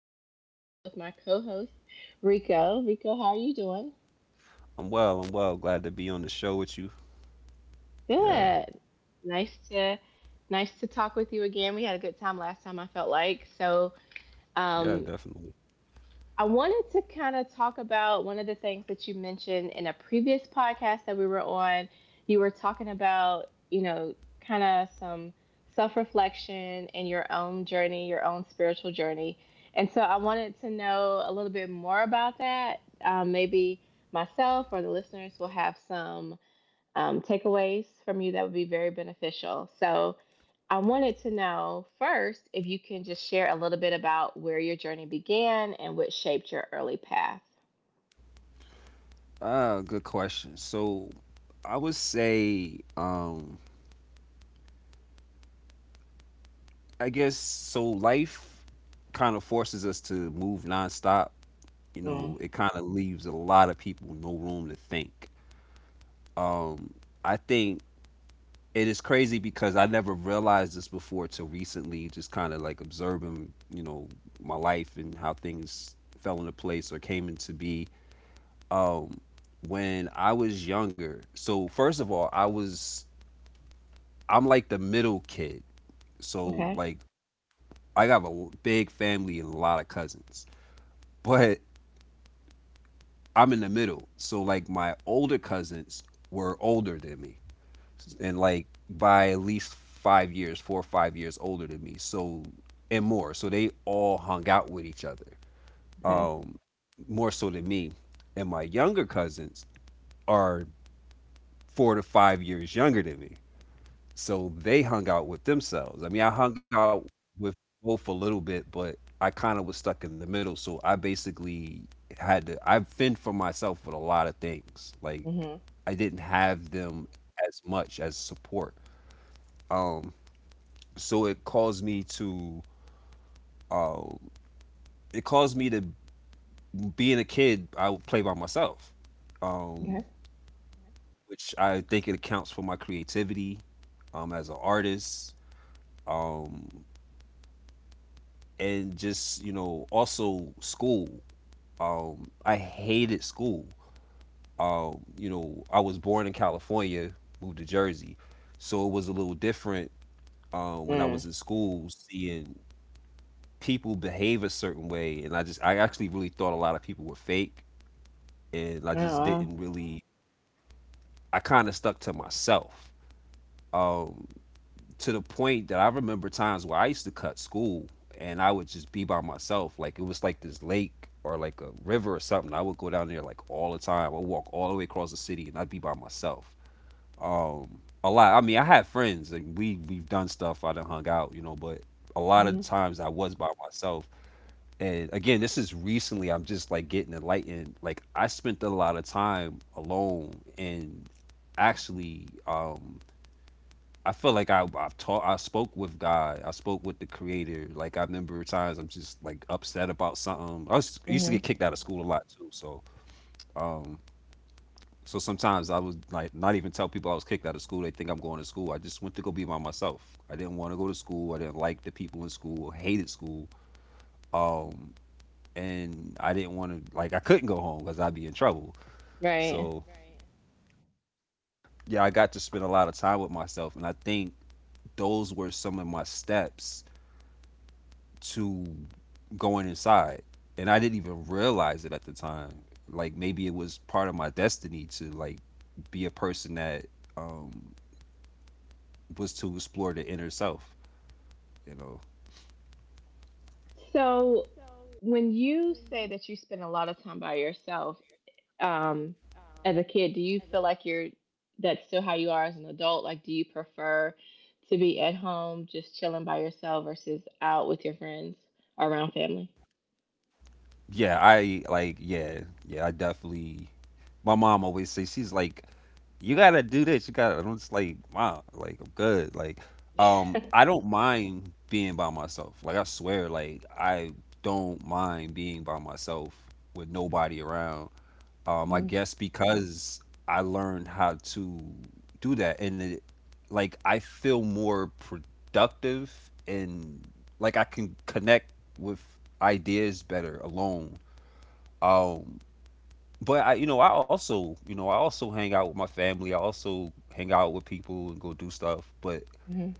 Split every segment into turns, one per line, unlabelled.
and I am here with my co host, Rico. Rico, how are you doing?
I'm well. I'm well. Glad to be on the show with you. Yeah.
Good. Nice to nice to talk with you again. We had a good time last time, I felt like. So,
Yeah,
um,
definitely.
I wanted to kind of talk about one of the things that you mentioned in a previous podcast that we were on. You were talking about, kind of some self reflection and your own journey, your own spiritual journey. And so I wanted to know a little bit more about that. Maybe myself or the listeners will have some takeaways from you that would be very beneficial. So, I wanted to know first if you can just share a little bit about where your journey began and what shaped your early path.
Ah, good question. So, I would say, I guess so. Life kind of forces us to move nonstop. You know,
Mm.
it kind of leaves a lot of people no room to think. Um, I think it is crazy because I never realized this before till recently, just kind of like observing, you know, my life and how things fell into place or came into be. um when I was younger. So first of all, I'm like the middle kid. So
Okay.
like I got a big family and a lot of cousins. But I'm in the middle. So like my older cousins were older than me. And like by at least 5 years, 4 or 5 years older than me. So and more. So they all hung out with each other
Okay.
more so than me. And my younger cousins are 4 to 5 years younger than me. So they hung out with themselves. I mean, I hung out with both a little bit, but I kind of was stuck in the middle. So I basically I fend for myself with a lot of things. Like,
Mhm.
I didn't have them as much as support. So uh, it caused me to, being a kid, I would play by myself, um,
Okay.
which I think it accounts for my creativity as an artist. Um, and just, you know, also school. I hated school. You know, I was born in California, moved to Jersey, so it was a little different when I
Mm.
was in school, seeing people behave a certain way, and I actually really thought a lot of people were fake, and I
Oh,
just
wow.
didn't really. I kind of stuck to myself. Um, to the point that I remember times where I used to cut school and I would just be by myself. Like it was like this lake or like a river or something. I would go down there like all the time. I would walk all the way across the city and I'd be by myself. A lot. I mean, I had friends and we've done stuff. I done hung out, you know, but a lot of
Mhm.
times I was by myself. And again, this is recently. I'm just like getting enlightened. Like I spent a lot of time alone and actually. I feel like I spoke with God. I spoke with the creator. Like I remember times I'm just like upset about something. I used to get
Mhm.
kicked out of school a lot too. So sometimes I was like not even tell people I was kicked out of school. They think I'm going to school. I just went to go be by myself. I didn't want to go to school. I didn't like the people in school. Hated school. And I didn't want to I couldn't go home because I'd be in trouble.
Right.
So yeah, I got to spend a lot of time with myself and I think those were some of my steps to going inside. And I didn't even realize it at the time. Like maybe it was part of my destiny to like be a person that um was to explore the inner self, you know.
So, when you say that you spend a lot of time by yourself um, as a kid, do you feel like you're that's still how you are as an adult? Like, do you prefer to be at home just chilling by yourself versus out with your friends or around family?
Yeah, I like yeah, yeah, I definitely, my mom always says, she's like, you gotta do this. You gotta. And I'm just like, wow, like I'm good. Like, I don't mind being by myself. Like I swear, like I don't mind being by myself with nobody around. I guess because I learned how to do that, like I feel more productive and like I can connect with ideas better alone. Um, but I, you know, I also, you know, I also hang out with my family. I also hang out with people and go do stuff. But
Mhm.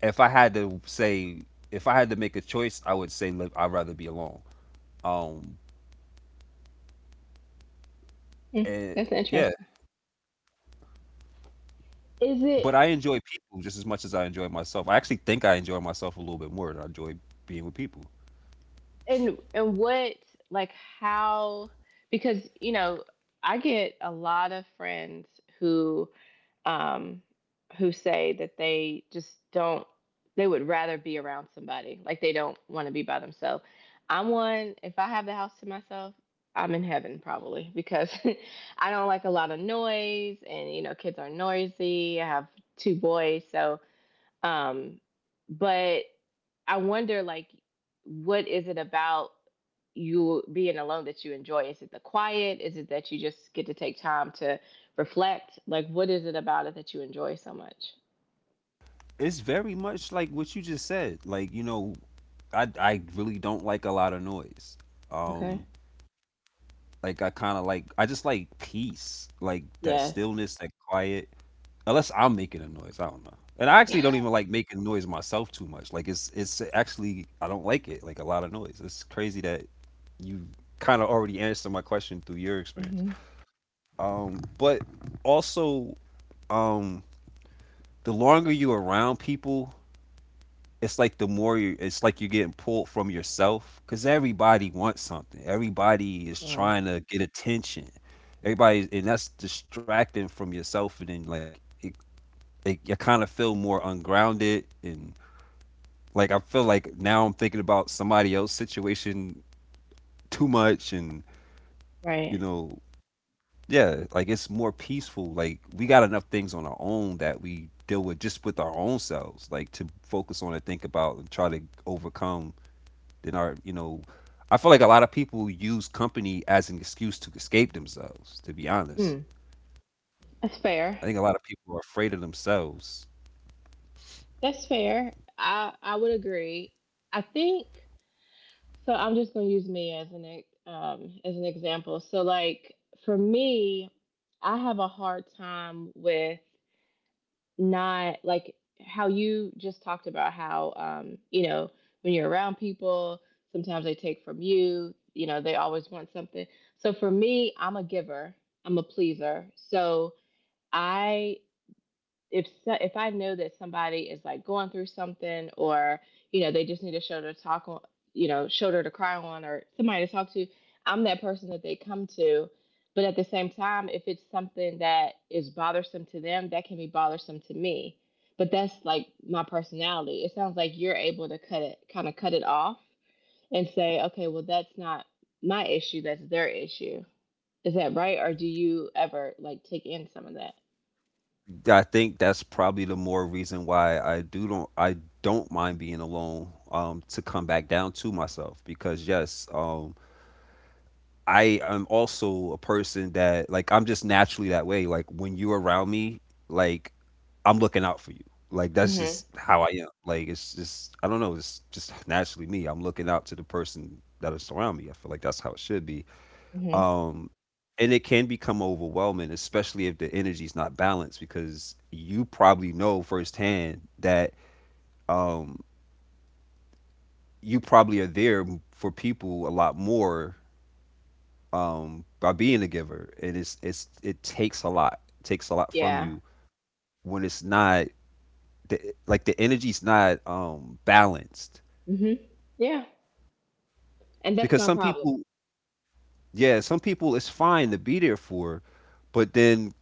if I had to say, if I had to make a choice, I would say, look, I'd rather be alone. Um,
Mm,
and
that's
yeah,
interesting. Is it
but I enjoy people just as much as I enjoy myself. I actually think I enjoy myself a little bit more than I enjoy being with people.
and what, like, how? Because, you know, I get a lot of friends who, um who say that they just don't, they would rather be around somebody, like they don't want to be by themselves. I'm one. If I have the house to myself, I'm in heaven, probably because I don't like a lot of noise, and you know kids are noisy. I have two boys, so Um, but I wonder, like, what is it about you being alone that you enjoy? Is it the quiet? Is it that you just get to take time to reflect? Like, what is it about it that you enjoy so much?
It's very much like what you just said. Like, you know, I really don't like a lot of noise.
Okay.
Um, like I just like peace, like that
Yes.
stillness, that quiet. Unless I'm making a noise, I don't know. And I actually don't even like making noise myself too much. Like it's actually I don't like it. Like a lot of noise. It's crazy that you kind of already answered my question through your experience.
Hmm.
But also, um, the longer you're around people, it's like it's like you're getting pulled from yourself because everybody wants something. Everybody is
Mm.
trying to get attention. And that's distracting from yourself, and then you kind of feel more ungrounded and like I feel like now I'm thinking about somebody else's situation too much, and
Right.
you know yeah, like it's more peaceful. Like we got enough things on our own that we deal with just with our own selves. Like to focus on and think about and try to overcome. Then our, you know, I feel like a lot of people use company as an excuse to escape themselves. To be honest,
Hmm. That's fair.
I think a lot of people are afraid of themselves.
That's fair. I would agree. I think. So I'm just going to use me as an as an example. So, like, for me, I have a hard time with, not like how you just talked about how, when you're around people, sometimes they take from you. You know they always want something. So for me, I'm a giver. I'm a pleaser. So, I if so, if I know that somebody is like going through something, or they just need a shoulder to talk on, shoulder to cry on, or somebody to talk to, I'm that person that they come to. But at the same time, if it's something that is bothersome to them, that can be bothersome to me. But that's like my personality. It sounds like you're able to kind of cut it off and say, okay, well, that's not my issue, that's their issue. Is that right? Or do you ever like take in some of that?
I think that's probably the more reason why I don't mind being alone to come back down to myself because yes, I am also a person that like I'm just naturally that way. Like when you're around me, like I'm looking out for you. Like that's
Hmm.
just how I am. Like it's just I don't know. It's just naturally me. I'm looking out to the person that is around me. I feel like that's how it should be.
Hmm.
Um, and it can become overwhelming, especially if the energy's not balanced, because you probably know firsthand that um, you probably are there for people a lot more by being a giver, and it takes a lot, it takes a lot from
Yeah.
you when it's not like the energy's not balanced
Hmm. Yeah. And that's
because
my
some
problem.
people, yeah, some people it's fine to be there for, but then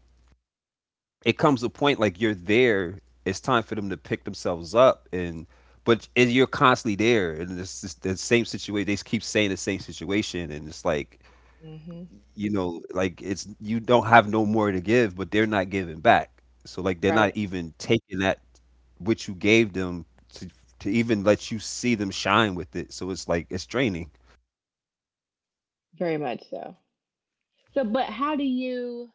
it comes a point like you're there. It's time for them to pick themselves up and. But and you're constantly there, and it's just the same situation. They keep saying the same situation, and it's like
Hmm.
you know, like it's you don't have no more to give, but they're not giving back. So like they're not
Right.
even taking that which you gave them to to even let you see them shine with it. So it's like it's draining.
Very much so. So, but how do you,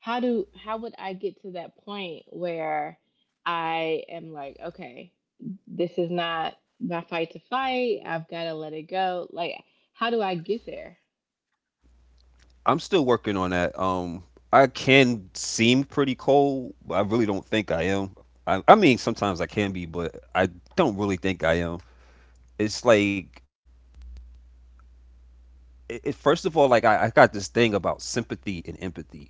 how do, how would I get to that point where I am like, okay, this is not my fight to fight. I've got to let it go. Like, how do I get there?
I'm still working on that. I can seem pretty cold, but I really don't think I am. I mean, sometimes I can be, but I don't really think I am. It's like, first of all, like I got this thing about sympathy and empathy.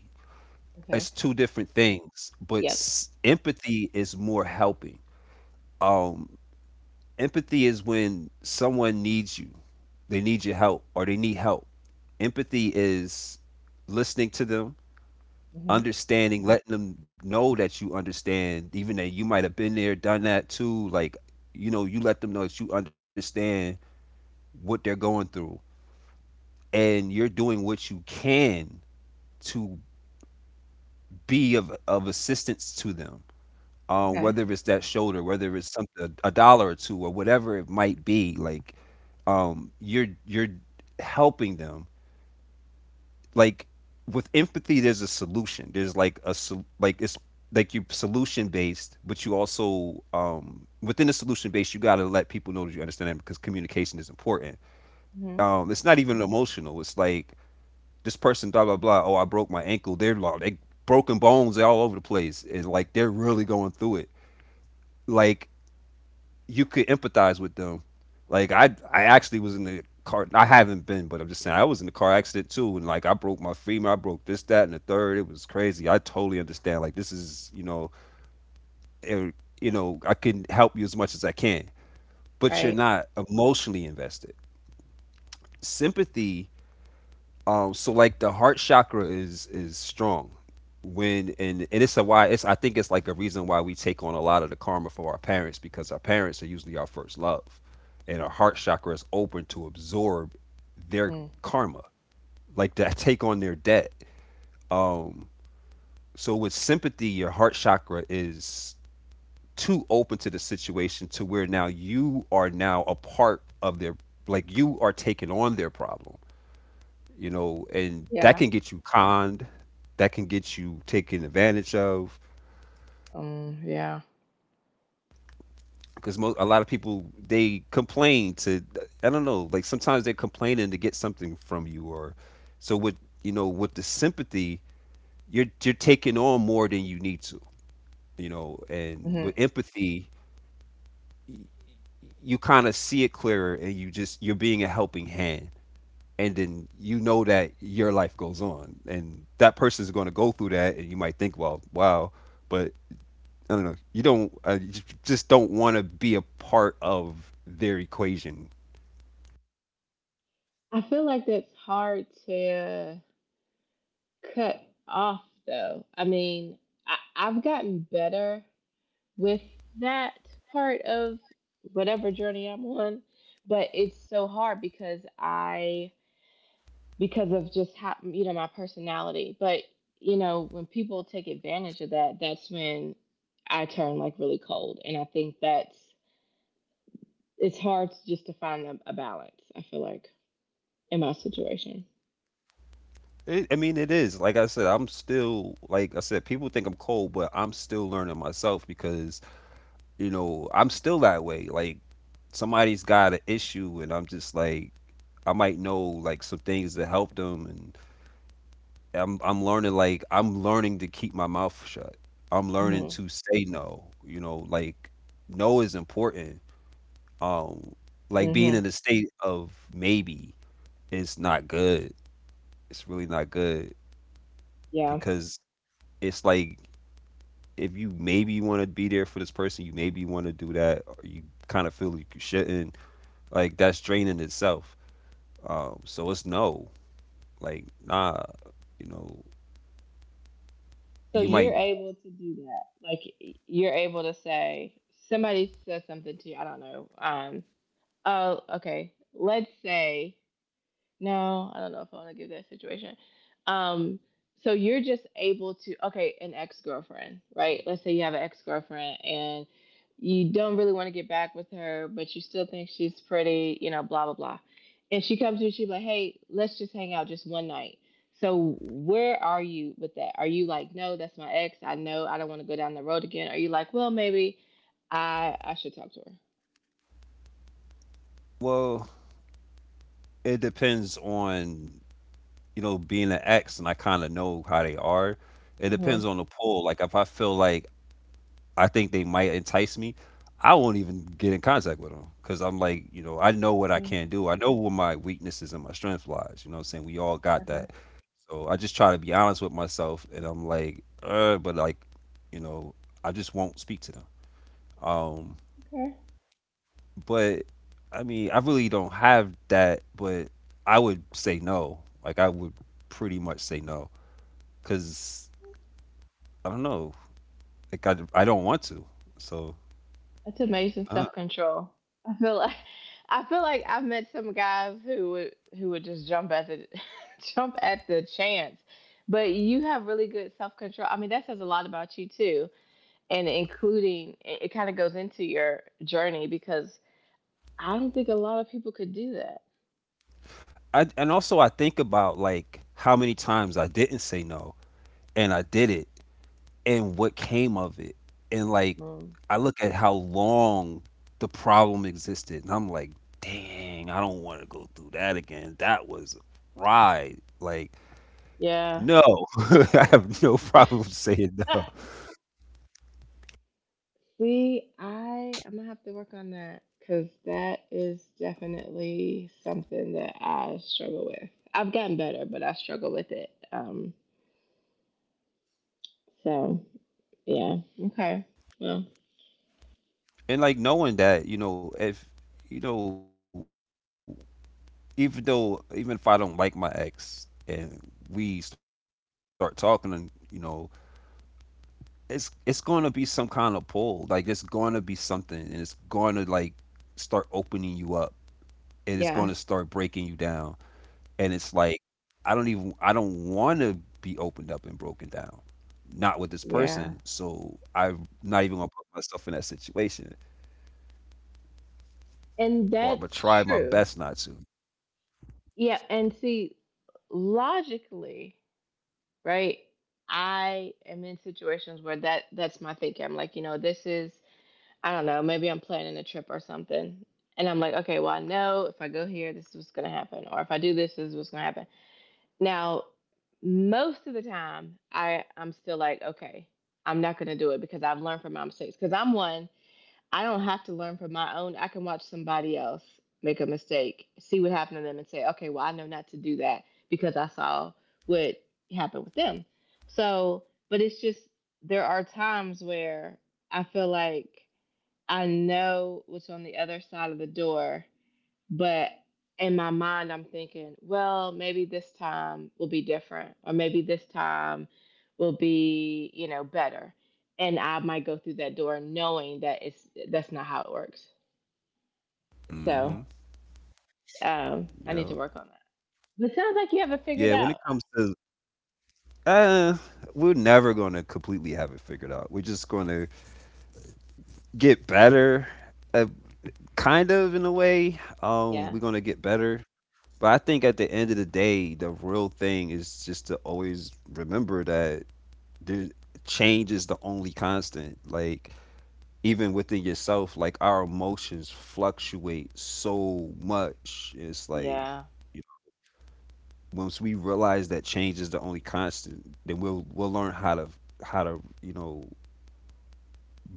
It's
Okay.
2 different things, but
Yep.
s empathy is more helping. Um, Empathy is when someone needs you. They need your help or they need help. Empathy is listening to them,
Hmm.
understanding, letting them know that you understand, even that you might have been there, done that too. Like, you know, you let them know that you understand what they're going through and you're doing what you can to be of assistance to them.
Okay.
Whether it's that shoulder, whether it's something a dollar or two or whatever it might be, like you're helping them. Like with empathy, there's a solution. There's like it's like you solution based, but you also within the solution based, you gotta let people know that you understand them because communication is important.
Hmm.
It's not even emotional. It's like this person blah blah blah. Oh, I broke my ankle. They broken bones all over the place, and like they're really going through it. Like you could empathize with them. Like I actually was in the car. I haven't been, but I'm just saying I was in the car accident too, and like I broke my femur, I broke this, that, and the third. It was crazy. I totally understand. Like this is you know, it, you know, I can help you as much as I can, but
Right.
you're not emotionally invested. Sympathy. So like the heart chakra is strong when and it's a why it's I think it's like a reason why we take on a lot of the karma for our parents because our parents are usually our first love, and our heart chakra is open to absorb their
Mm.
karma, like to take on their debt. Um, so with sympathy, your heart chakra is too open to the situation to where now you are now a part of their, like you are taking on their problem, you know, and that
Yeah.
can get you conned, that can get you taken advantage of.
Yeah.
Because most, a lot of people they complain to, I don't know, like sometimes they're complaining to get something from you, or so with, you know, with the sympathy, you're taking on more than you need to, you know, and with
Hmm.
empathy, you kind of see it clearer, and you just you're being a helping hand. And then you know that your life goes on, and that person's going to go through that, and you might think, well, wow, but I don't know. You don't you just don't want to be a part of their equation.
I feel like that's hard to cut off though. I mean, I've gotten better with that part of whatever journey I'm on, but it's so hard because I, because of just how, my personality. But, you know, when people take advantage of that, that's when I turn like really cold, and I think that's it's hard just to find a balance. I feel like, in my situation.
It, I mean, it is like I said. I'm still, like I said. People think I'm cold, but I'm still learning myself because you know I'm still that way. Like somebody's got an issue, and I'm just like I might know like some things to help them, and I'm learning, like I'm learning to keep my mouth shut. I'm learning
Mhm.
to say no. You know, like no is important. Um, like being
Mhm.
in a state of maybe is not good. It's really not good
Yeah.
because it's like if you maybe want to be there for this person, you maybe want to do that, or you kind of feel like you shouldn't. Like that's draining itself. So it's no. Like nah, you know,
So
you
you're
might.
able to do that. Like, you're able to say somebody says something to you. I don't know. Oh, okay. Let's say no, I don't know if I want to give that situation. Um, so you're just able to, okay, an ex girlfriend, right? Let's say you have an ex girlfriend and you don't really want to get back with her, but you still think she's pretty, you know, blah blah blah. And she comes to you, she's like, "Hey, let's just hang out just one night." So where are you with that? Are you like, "No, that's my ex. I know I don't want to go down the road again." Are you like, "Well, maybe I should talk to her."
Well, it depends on, you know, being an ex, and I kind of know how they are. It depends
Mm-hmm.
on the pull. Like if I feel like I think they might entice me, I won't even get in contact with them because I'm like, you know, I know what I can do. I know where my weaknesses and my strength lies. You know what I'm saying? We all got
Okay.
that. So I just try to be honest with myself, and I'm like, but like, you know, I just won't speak to them. Um,
Okay.
but I mean, I really don't have that. But I would say no. Like I would pretty much say no because I don't know. Like I don't want to. So.
That's amazing self control. I feel like I feel like I've met some guys who would just jump at the jump at the chance. But you have really good self control. I mean, that says a lot about you too, and including it kind of goes into your journey because I don't think a lot of people could do that.
I and also I think about like how many times I didn't say no and I did it and what came of it. And like
Mm.
I look at how long the problem existed and I'm like, dang, I don't want to go through that again. That was a ride. Like,
Yeah.
no. I have no problem saying no.
See, I'm gonna have to work on that because that is definitely something that I struggle with. I've gotten better, but I struggle with it. So yeah, okay, well,
And like knowing that, you know, if you know, even though even if I don't like my ex and we start talking and you know, it's going to be some kind of pull. Like it's going to be something, and it's going to like start opening you up, and it's going to start
yeah,
breaking you down. And it's like I don't want to be opened up and broken down, not with this person.
yeah,
So I'm not even gonna put myself in that situation,
and
or I'm gonna
that's
try my
true.
best not to.
Yeah, and see, logically, right? I am in situations where that's my thinking. I'm like, you know, this is, I don't know, maybe I'm planning a trip or something. And I'm like, okay, well, I know if I go here, this is what's going to happen. Or if I do this, this is what's going to happen. Now, most of the time, I'm still like, okay, I'm not going to do it because I've learned from my mistakes. Because I'm one, I don't have to learn from my own. I can watch somebody else make a mistake, see what happened to them, and say, okay, well, I know not to do that because I saw what happened with them. So, but it's just, there are times where I feel like I know what's on the other side of the door, but in my mind, I'm thinking, well, maybe this time will be different, or maybe this time will be, better. And I might go through that door knowing that it's that's not how it works.
Hmm.
So I need
Yeah.
to work on that. But it sounds like you have it figured
Yeah. When it
out.
comes to uh, we're never gonna completely have it figured out. We're just gonna get better kind of in a way.
Yeah,
We're gonna get better, but I think at the end of the day, the real thing is just to always remember that there, change is the only constant. Like even within yourself, like our emotions fluctuate so much. It's like
yeah.
you know, once we realize that change is the only constant, then we'll learn how to you know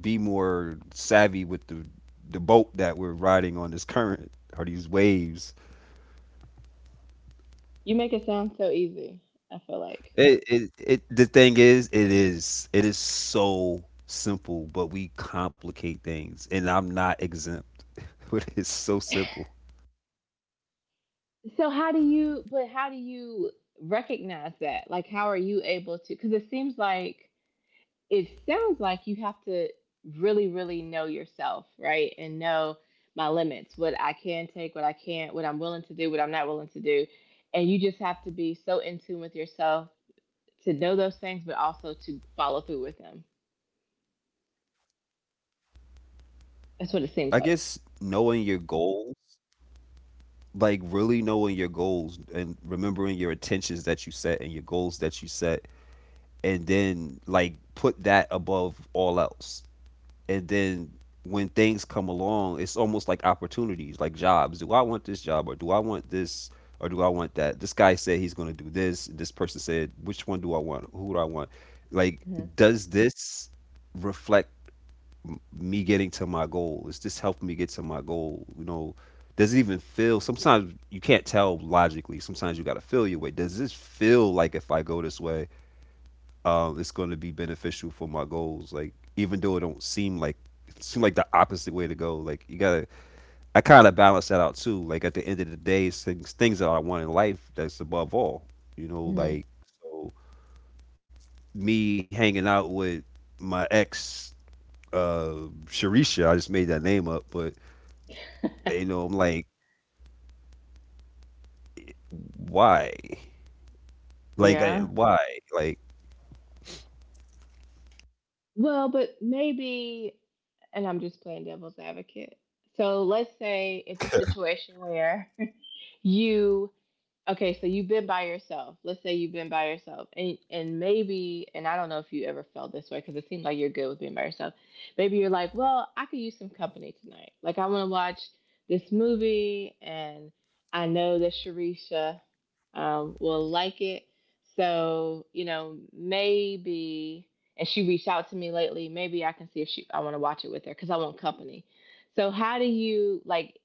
be more savvy with the boat that we're riding on, this current or these waves.
You make it sound so easy. I feel like.
It The thing is, it is so simple, but we complicate things, and I'm not exempt. But it's so simple.
So how do you recognize that? Like, how are you able to, cuz it sounds like you have to really, really know yourself, right? And know my limits, what I can take, what I can't, what I'm willing to do, what I'm not willing to do. And you just have to be so in tune with yourself to know those things, but also to follow through with them. That's what it
I
seems like.
guess knowing your goals, like really knowing your goals and remembering your intentions that you set and your goals that you set, and then like put that above all else. And then when things come along, it's almost like opportunities, like jobs. Do I want this job, or do I want this, or do I want that? This guy said he's going to do this, this person said, which one do I want, who do I want? Like does this reflect me getting to my goal? Is this helping me get to my goal? You know, does it even feel, sometimes you can't tell logically, sometimes you got to feel your way. Does this feel like if I go this way, it's going to be beneficial for my goals. Like even though it don't seem like, it seem like the opposite way to go. Like you gotta, I kind of balance that out too. Like at the end of the day, it's things, that I want in life that's above all. You know,
Mhm.
like so me hanging out with my ex, uh, Sharisha. I just made that name up, but you know, I'm like, why? Like I,
Mhm.
why? Like
Well, but maybe, and I'm just playing devil's advocate. So let's say it's a situation where you Okay, so you've been by yourself. Let's say you've been by yourself, and maybe, and I don't know if you ever felt this way because it seems like you're good with being by yourself. Maybe you're like, well, I could use some company tonight. Like, I want to watch this movie, and I know that Sharisha will like it. So maybe, and she reached out to me lately. Maybe I can see if she I want to watch it with her because I want company. So how do you like?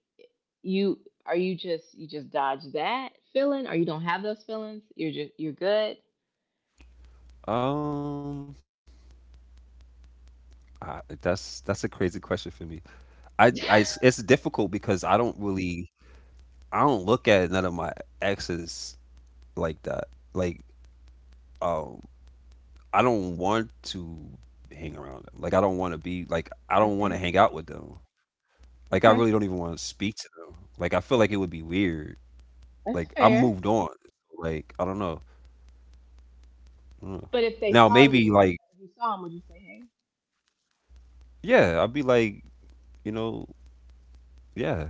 you you just dodge that feeling? Or you don't have those feelings, you're good?
um. I, that's a crazy question for me. I it's difficult because I don't really, I don't look at none of my exes like that. Like, um, I don't want to hang around them. Like, I don't want to be like, I don't want to
Okay.
hang out with them. Like, I
Okay.
really don't even want to speak to them. Like, I feel like it would be weird.
That's
Like, I
fair.
moved on. Like, I don't know. I don't know.
But
Now, maybe like,
if you saw them, would you say hey?
yeah, I'd be like, you know, yeah,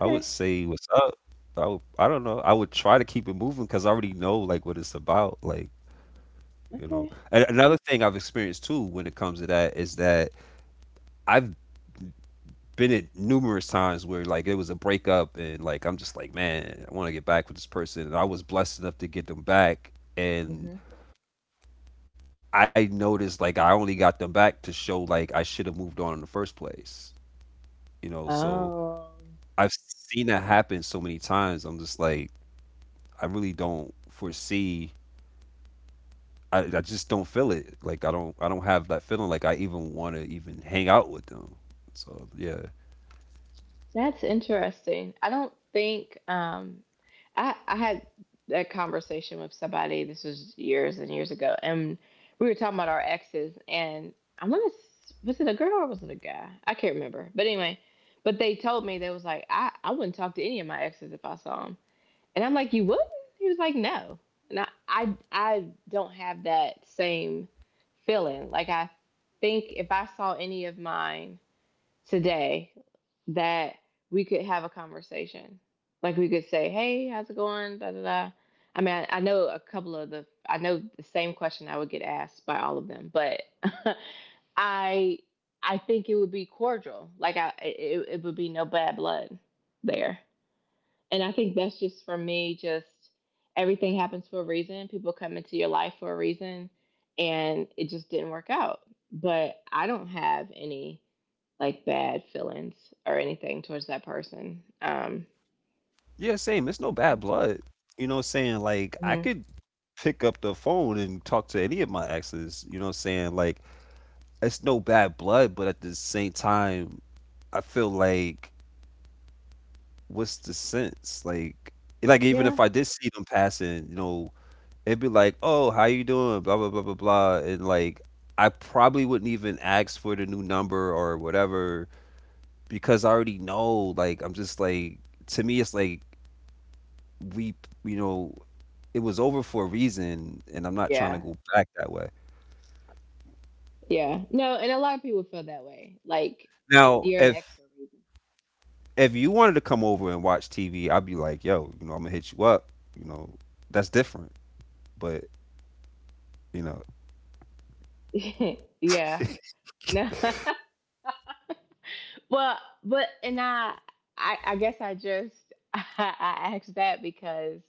I would say what's up. I would, I don't know. I would try to keep it moving because I already know like what it's about. Like, you know,
Okay.
and another thing I've experienced too when it comes to that is that I've been at numerous times where like it was a breakup and like I'm just like, man, I want to get back with this person, and I was blessed enough to get them back, and
Hmm.
I noticed like I only got them back to show like I should have moved on in the first place, you know, so
Oh.
I've seen that happen so many times I'm just like I really don't foresee, I just don't feel it. Like I don't have that feeling. Like I even want to even hang out with them. So yeah,
That's interesting. I don't think I had a conversation with somebody. This was years and years ago, and we were talking about our exes, and I want to was it a girl or was it a guy? I can't remember. But anyway, but they told me they was like, I wouldn't talk to any of my exes if I saw them. And I'm like, "You wouldn't?" He was like, "No." And I don't have that same feeling. Like, I think if I saw any of mine today that we could have a conversation. Like, we could say, "Hey, how's it going?" Da da da. I mean, I know the same question I would get asked by all of them, but I, I think it would be cordial. Like it would be no bad blood there, and I think that's just for me. Just everything happens for a reason. People come into your life for a reason, and it just didn't work out. But I don't have any like bad feelings or anything towards that person.
yeah, same. It's no bad blood. You know what I'm saying? Like I
Mhm.
could pick up the phone and talk to any of my exes. You know what I'm saying? Like it's no bad blood, but at the same time, I feel like what's the sense? Like even
yeah,
if I did see them passing, you know, it'd be like, oh, how you doing? Blah blah blah blah blah, and like I probably wouldn't even ask for the new number or whatever because I already know. Like I'm just like, to me, it's like we, you know, it was over for a reason, and I'm not trying to
yeah,
go back that way.
yeah. No, and a lot of people feel that way. Like
Now,
you're an ex for a
if you wanted to come over and watch TV, I'd be like, yo, you know, I'm gonna hit you up. You know, that's different. But you know,
reason. Yeah. No. Well, but I guess I just I asked that because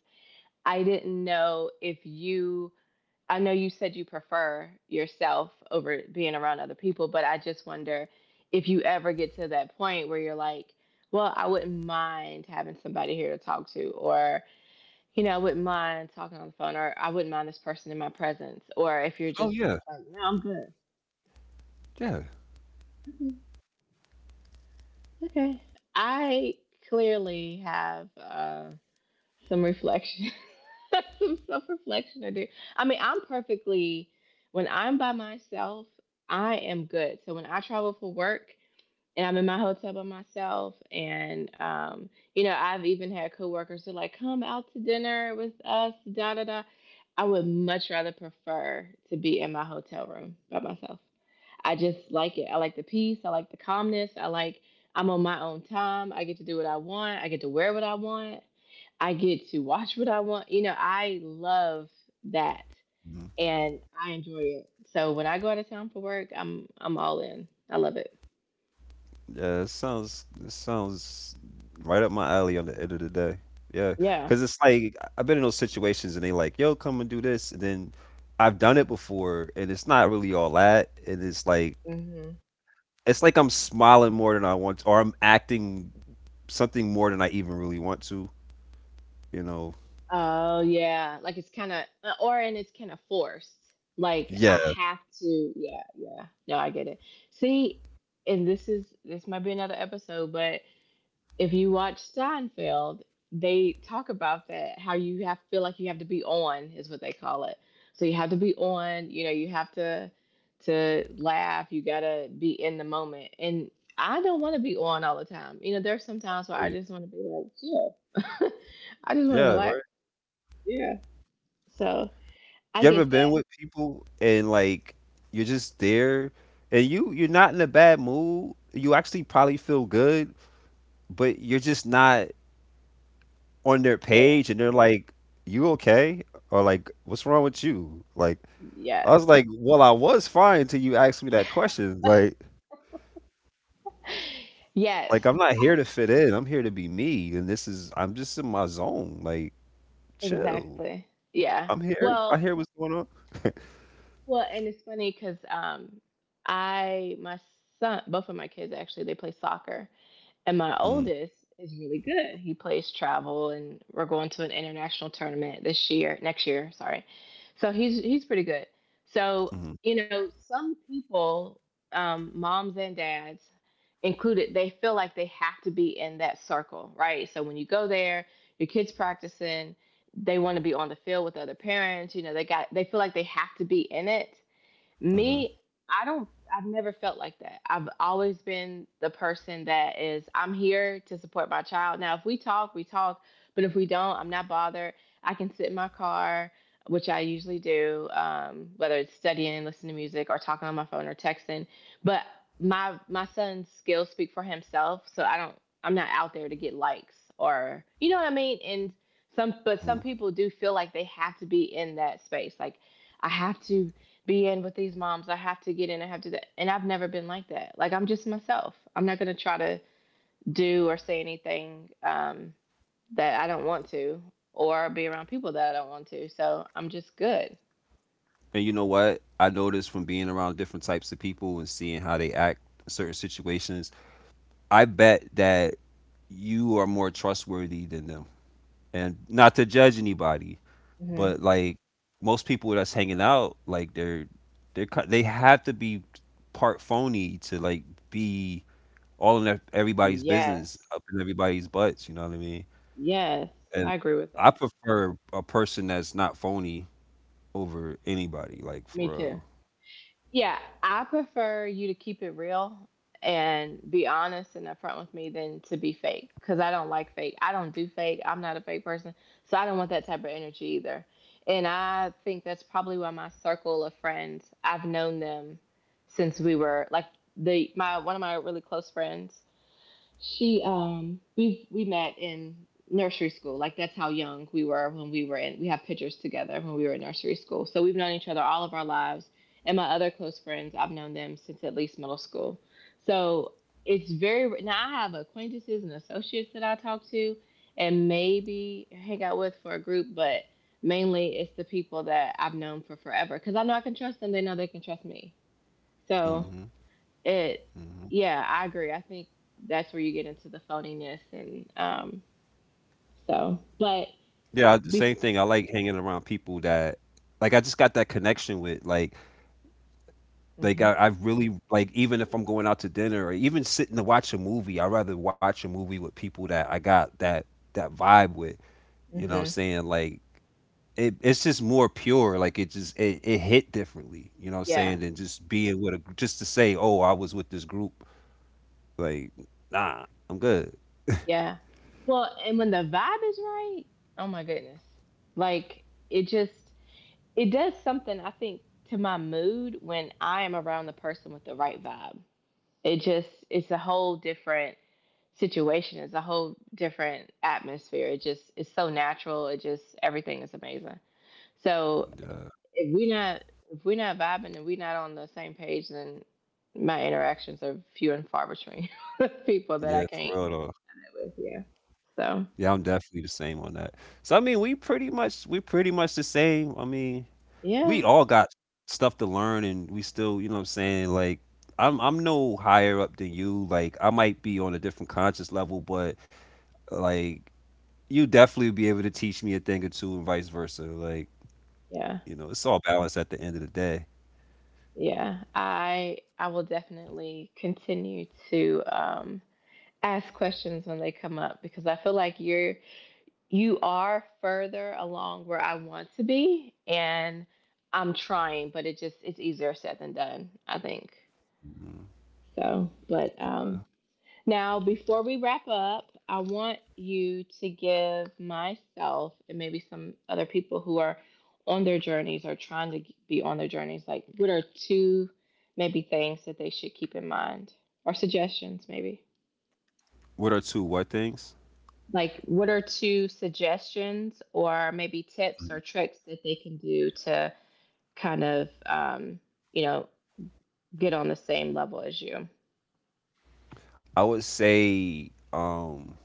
I didn't know if you. I know you said you prefer yourself over being around other people, but I just wonder if you ever get to that point where you're like, well, I wouldn't mind having somebody here to talk to, or I wouldn't mind talking on the phone, or I wouldn't mind this person in my presence, or if you're
oh
just
yeah,
like, no, I'm good.
yeah.
Okay. Okay. I clearly have some reflection, some self reflection to do. I mean, I'm perfectly, when I'm by myself, I am good. So when I travel for work and I'm in my hotel by myself, and, you know, I've even had coworkers who are like, come out to dinner with us, da da da. I would much rather prefer to be in my hotel room by myself. I just like it. I like the peace. I like the calmness. I'm on my own time. I get to do what I want. I get to wear what I want. I get to watch what I want. You know, I love that, and I enjoy it. So when I go out of town for work, I'm all in. I love it.
Yeah, it sounds, it sounds right up my alley on the end of the day. Yeah,
Yeah.
because it's like I've been in those situations and they like, yo, come and do this, and then I've done it before, and it's not really all that, and
Hmm.
it's like I'm smiling more than I want, to, or I'm acting something more than I even really want to, you know?
Oh yeah. Like it's kind of forced. Like
Yeah,
I have to. Yeah. Yeah. No, I get it. See, and this might be another episode, but if you watch Seinfeld, they talk about that how you have feel like you have to be on is what they call it. So you have to be on, you know, you have to laugh, you got to be in the moment. And I don't want to be on all the time. You know, there's some times where I
really.
just want to be like, chill. I just want to
Yeah,
relax.
right.
Yeah. So I
You
get
ever been
that
with people and like you're just there, and you, you're not in a bad mood. You actually probably feel good, but you're just not on their
there.
page and they're like, "You okay?" or like, "What's wrong with you?" Like, I
Yes.
was like, "Well, I was fine until you asked me that question."
Yes,
Like I'm not here to fit in. I'm here to be me, and this is, I'm just in my zone. Like, chill.
exactly. Yeah.
I'm here. I
Well,
hear what's going on.
well, and it's funny because my son, both of my kids actually, they play soccer. And my
Mm,
oldest is really good. He plays travel, and we're going to an international tournament this year, next year, sorry. So he's pretty good. So,
mhm,
you know, some people, moms and dads included, they feel like they have to be in that circle, right? So when you go there, your kids practicing, they want to be on the field with other parents, you know, they feel like they have to be in it.
mhm,
Me, I don't, I've never felt like that. I've always been the person that is, I'm here to support my child. Now, if we talk, we talk, but if we don't, I'm not bothered. I can sit in my car, which I usually do, whether it's studying, listening to music, or talking on my phone or texting. But my son's skills speak for himself, so I don't, I'm not out there to get likes or, you know what I mean? And some, but some
mhm.
people do feel like they have to be in that space. Like, I have to be in with these moms. I have to get in. I have to do that. And I've never been like that. Like I'm just myself. I'm not going to try to do or say anything that I don't want to, or be around people that I don't want to. So I'm just good.
And you know what? I noticed from being around different types of people and seeing how they act in certain situations. I bet that you are more trustworthy than them. And not to judge anybody,
Hmm.
but like most people that's hanging out like they're, they have to be part phony to like be all in everybody's business,
Yes,
up in everybody's butts, you know what I mean?
yes,
And
I agree with
I
that.
prefer a person that's not phony over anybody, like
Me
for
too.
real.
Yeah, I prefer you to keep it real and be honest and upfront with me than to be fake because I don't like fake. I don't do fake. I'm not a fake person. So I don't want that type of energy either. And I think that's probably why my circle of friends, I've known them since we were like the my one of my really close friends, she, um, we met in nursery school. Like that's how young we were when we were in, we have pictures together when we were in nursery school. So we've known each other all of our lives. And my other close friends, I've known them since at least middle school. So it's very, now I have acquaintances and associates that I talk to and maybe hang out with for a group, but mainly it's the people that I've known for forever because I know I can trust them, they know they can trust me. So
Hmm.
it,
Hmm.
yeah, I agree. I think that's where you get into the phoniness and so, but
Yeah, the same
be-
thing. I like hanging around people that like I just got that connection with. Like
mhm,
I, I've really like even if I'm going out to dinner or even sitting to watch a movie, I'd rather watch a movie with people that I got that that vibe with. You know what I'm
mhm,
saying? Like it, it's just more pure. Like it just it, it hit differently. You know what I'm
yeah,
saying? Than just being with a, just to say, oh, I was with this group. Like nah, I'm good.
yeah. Well, and when the vibe is right, oh my goodness, like it just it does something. I think, to my mood when I am around the person with the right vibe. It just it's a whole different situation. It's a whole different atmosphere. It just it's so natural. It just everything is amazing. So
Yeah,
if we not if we're not vibing and we're not on the same page, then my interactions are few and far between with people that I
yeah, for
can't
real though.
connect with. Yeah. So
Yeah, I'm definitely the same on that. So I mean, we pretty much, we pretty much the same. I mean, we
yeah,
all got stuff to learn and we still, you know what I'm saying, like I'm no higher up than you. Like I might be on a different conscious level, but like you definitely be able to teach me a thing or two and vice versa. Like,
yeah,
you know, it's all balance at the end of the day.
yeah. I will definitely continue to ask questions when they come up because I feel like you are further along where I want to be, and I'm trying, but it just it's easier said than done. I think
Mhm.
so. But now, before we wrap up, I want you to give myself and maybe some other people who are on their journeys or trying to be on their journeys, like what are two maybe things that they should keep in mind or suggestions, maybe?
What are two what things?
Like, what are two suggestions or maybe tips or
Mhm.
tricks that they can do to kind of, you know, get on the same level as you?
I would say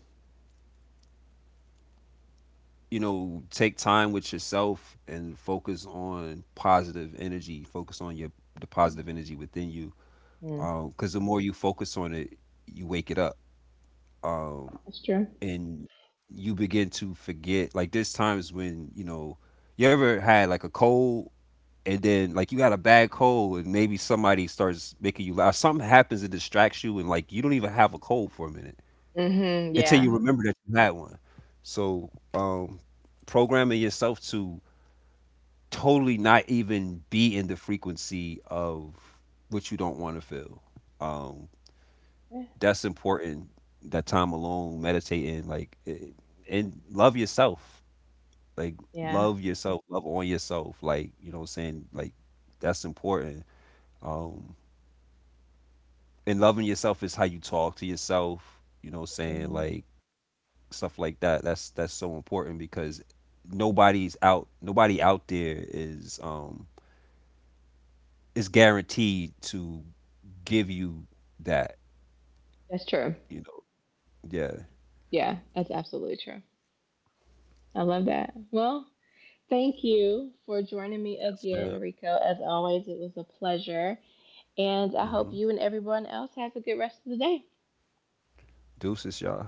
you know, take time with yourself and focus on positive energy. Focus on your the positive energy within you,
Mm.
because the more you focus on it, you wake it up, um,
That's true.
and you begin to forget. Like there's times when you know you ever had like a cold, and then like you had a bad cold, and maybe somebody starts making you laugh. Something happens that distracts you, and like you don't even have a cold for a minute
Hmm.
until
Yeah.
you remember that you had one. So um, programming yourself to totally not even be in the frequency of what you don't want to feel, um, that's important. That time alone, meditating, like, it, and love yourself. Like,
Yeah.
love yourself, love on yourself. Like, you know what I'm saying? Like, that's important. Um, and loving yourself is how you talk to yourself, you know what I'm saying?
Hmm.
Like, stuff like that. That's so important because nobody's out, nobody out there is guaranteed to give you that,
That's true.
you know? Yeah.
Yeah, that's absolutely true. I love that. Well, thank you for joining me
Yes, man.
again, Rico. As always, it was a pleasure. And I hope
Hmm.
you and everyone else has a good rest of the day.
Deuces, y'all.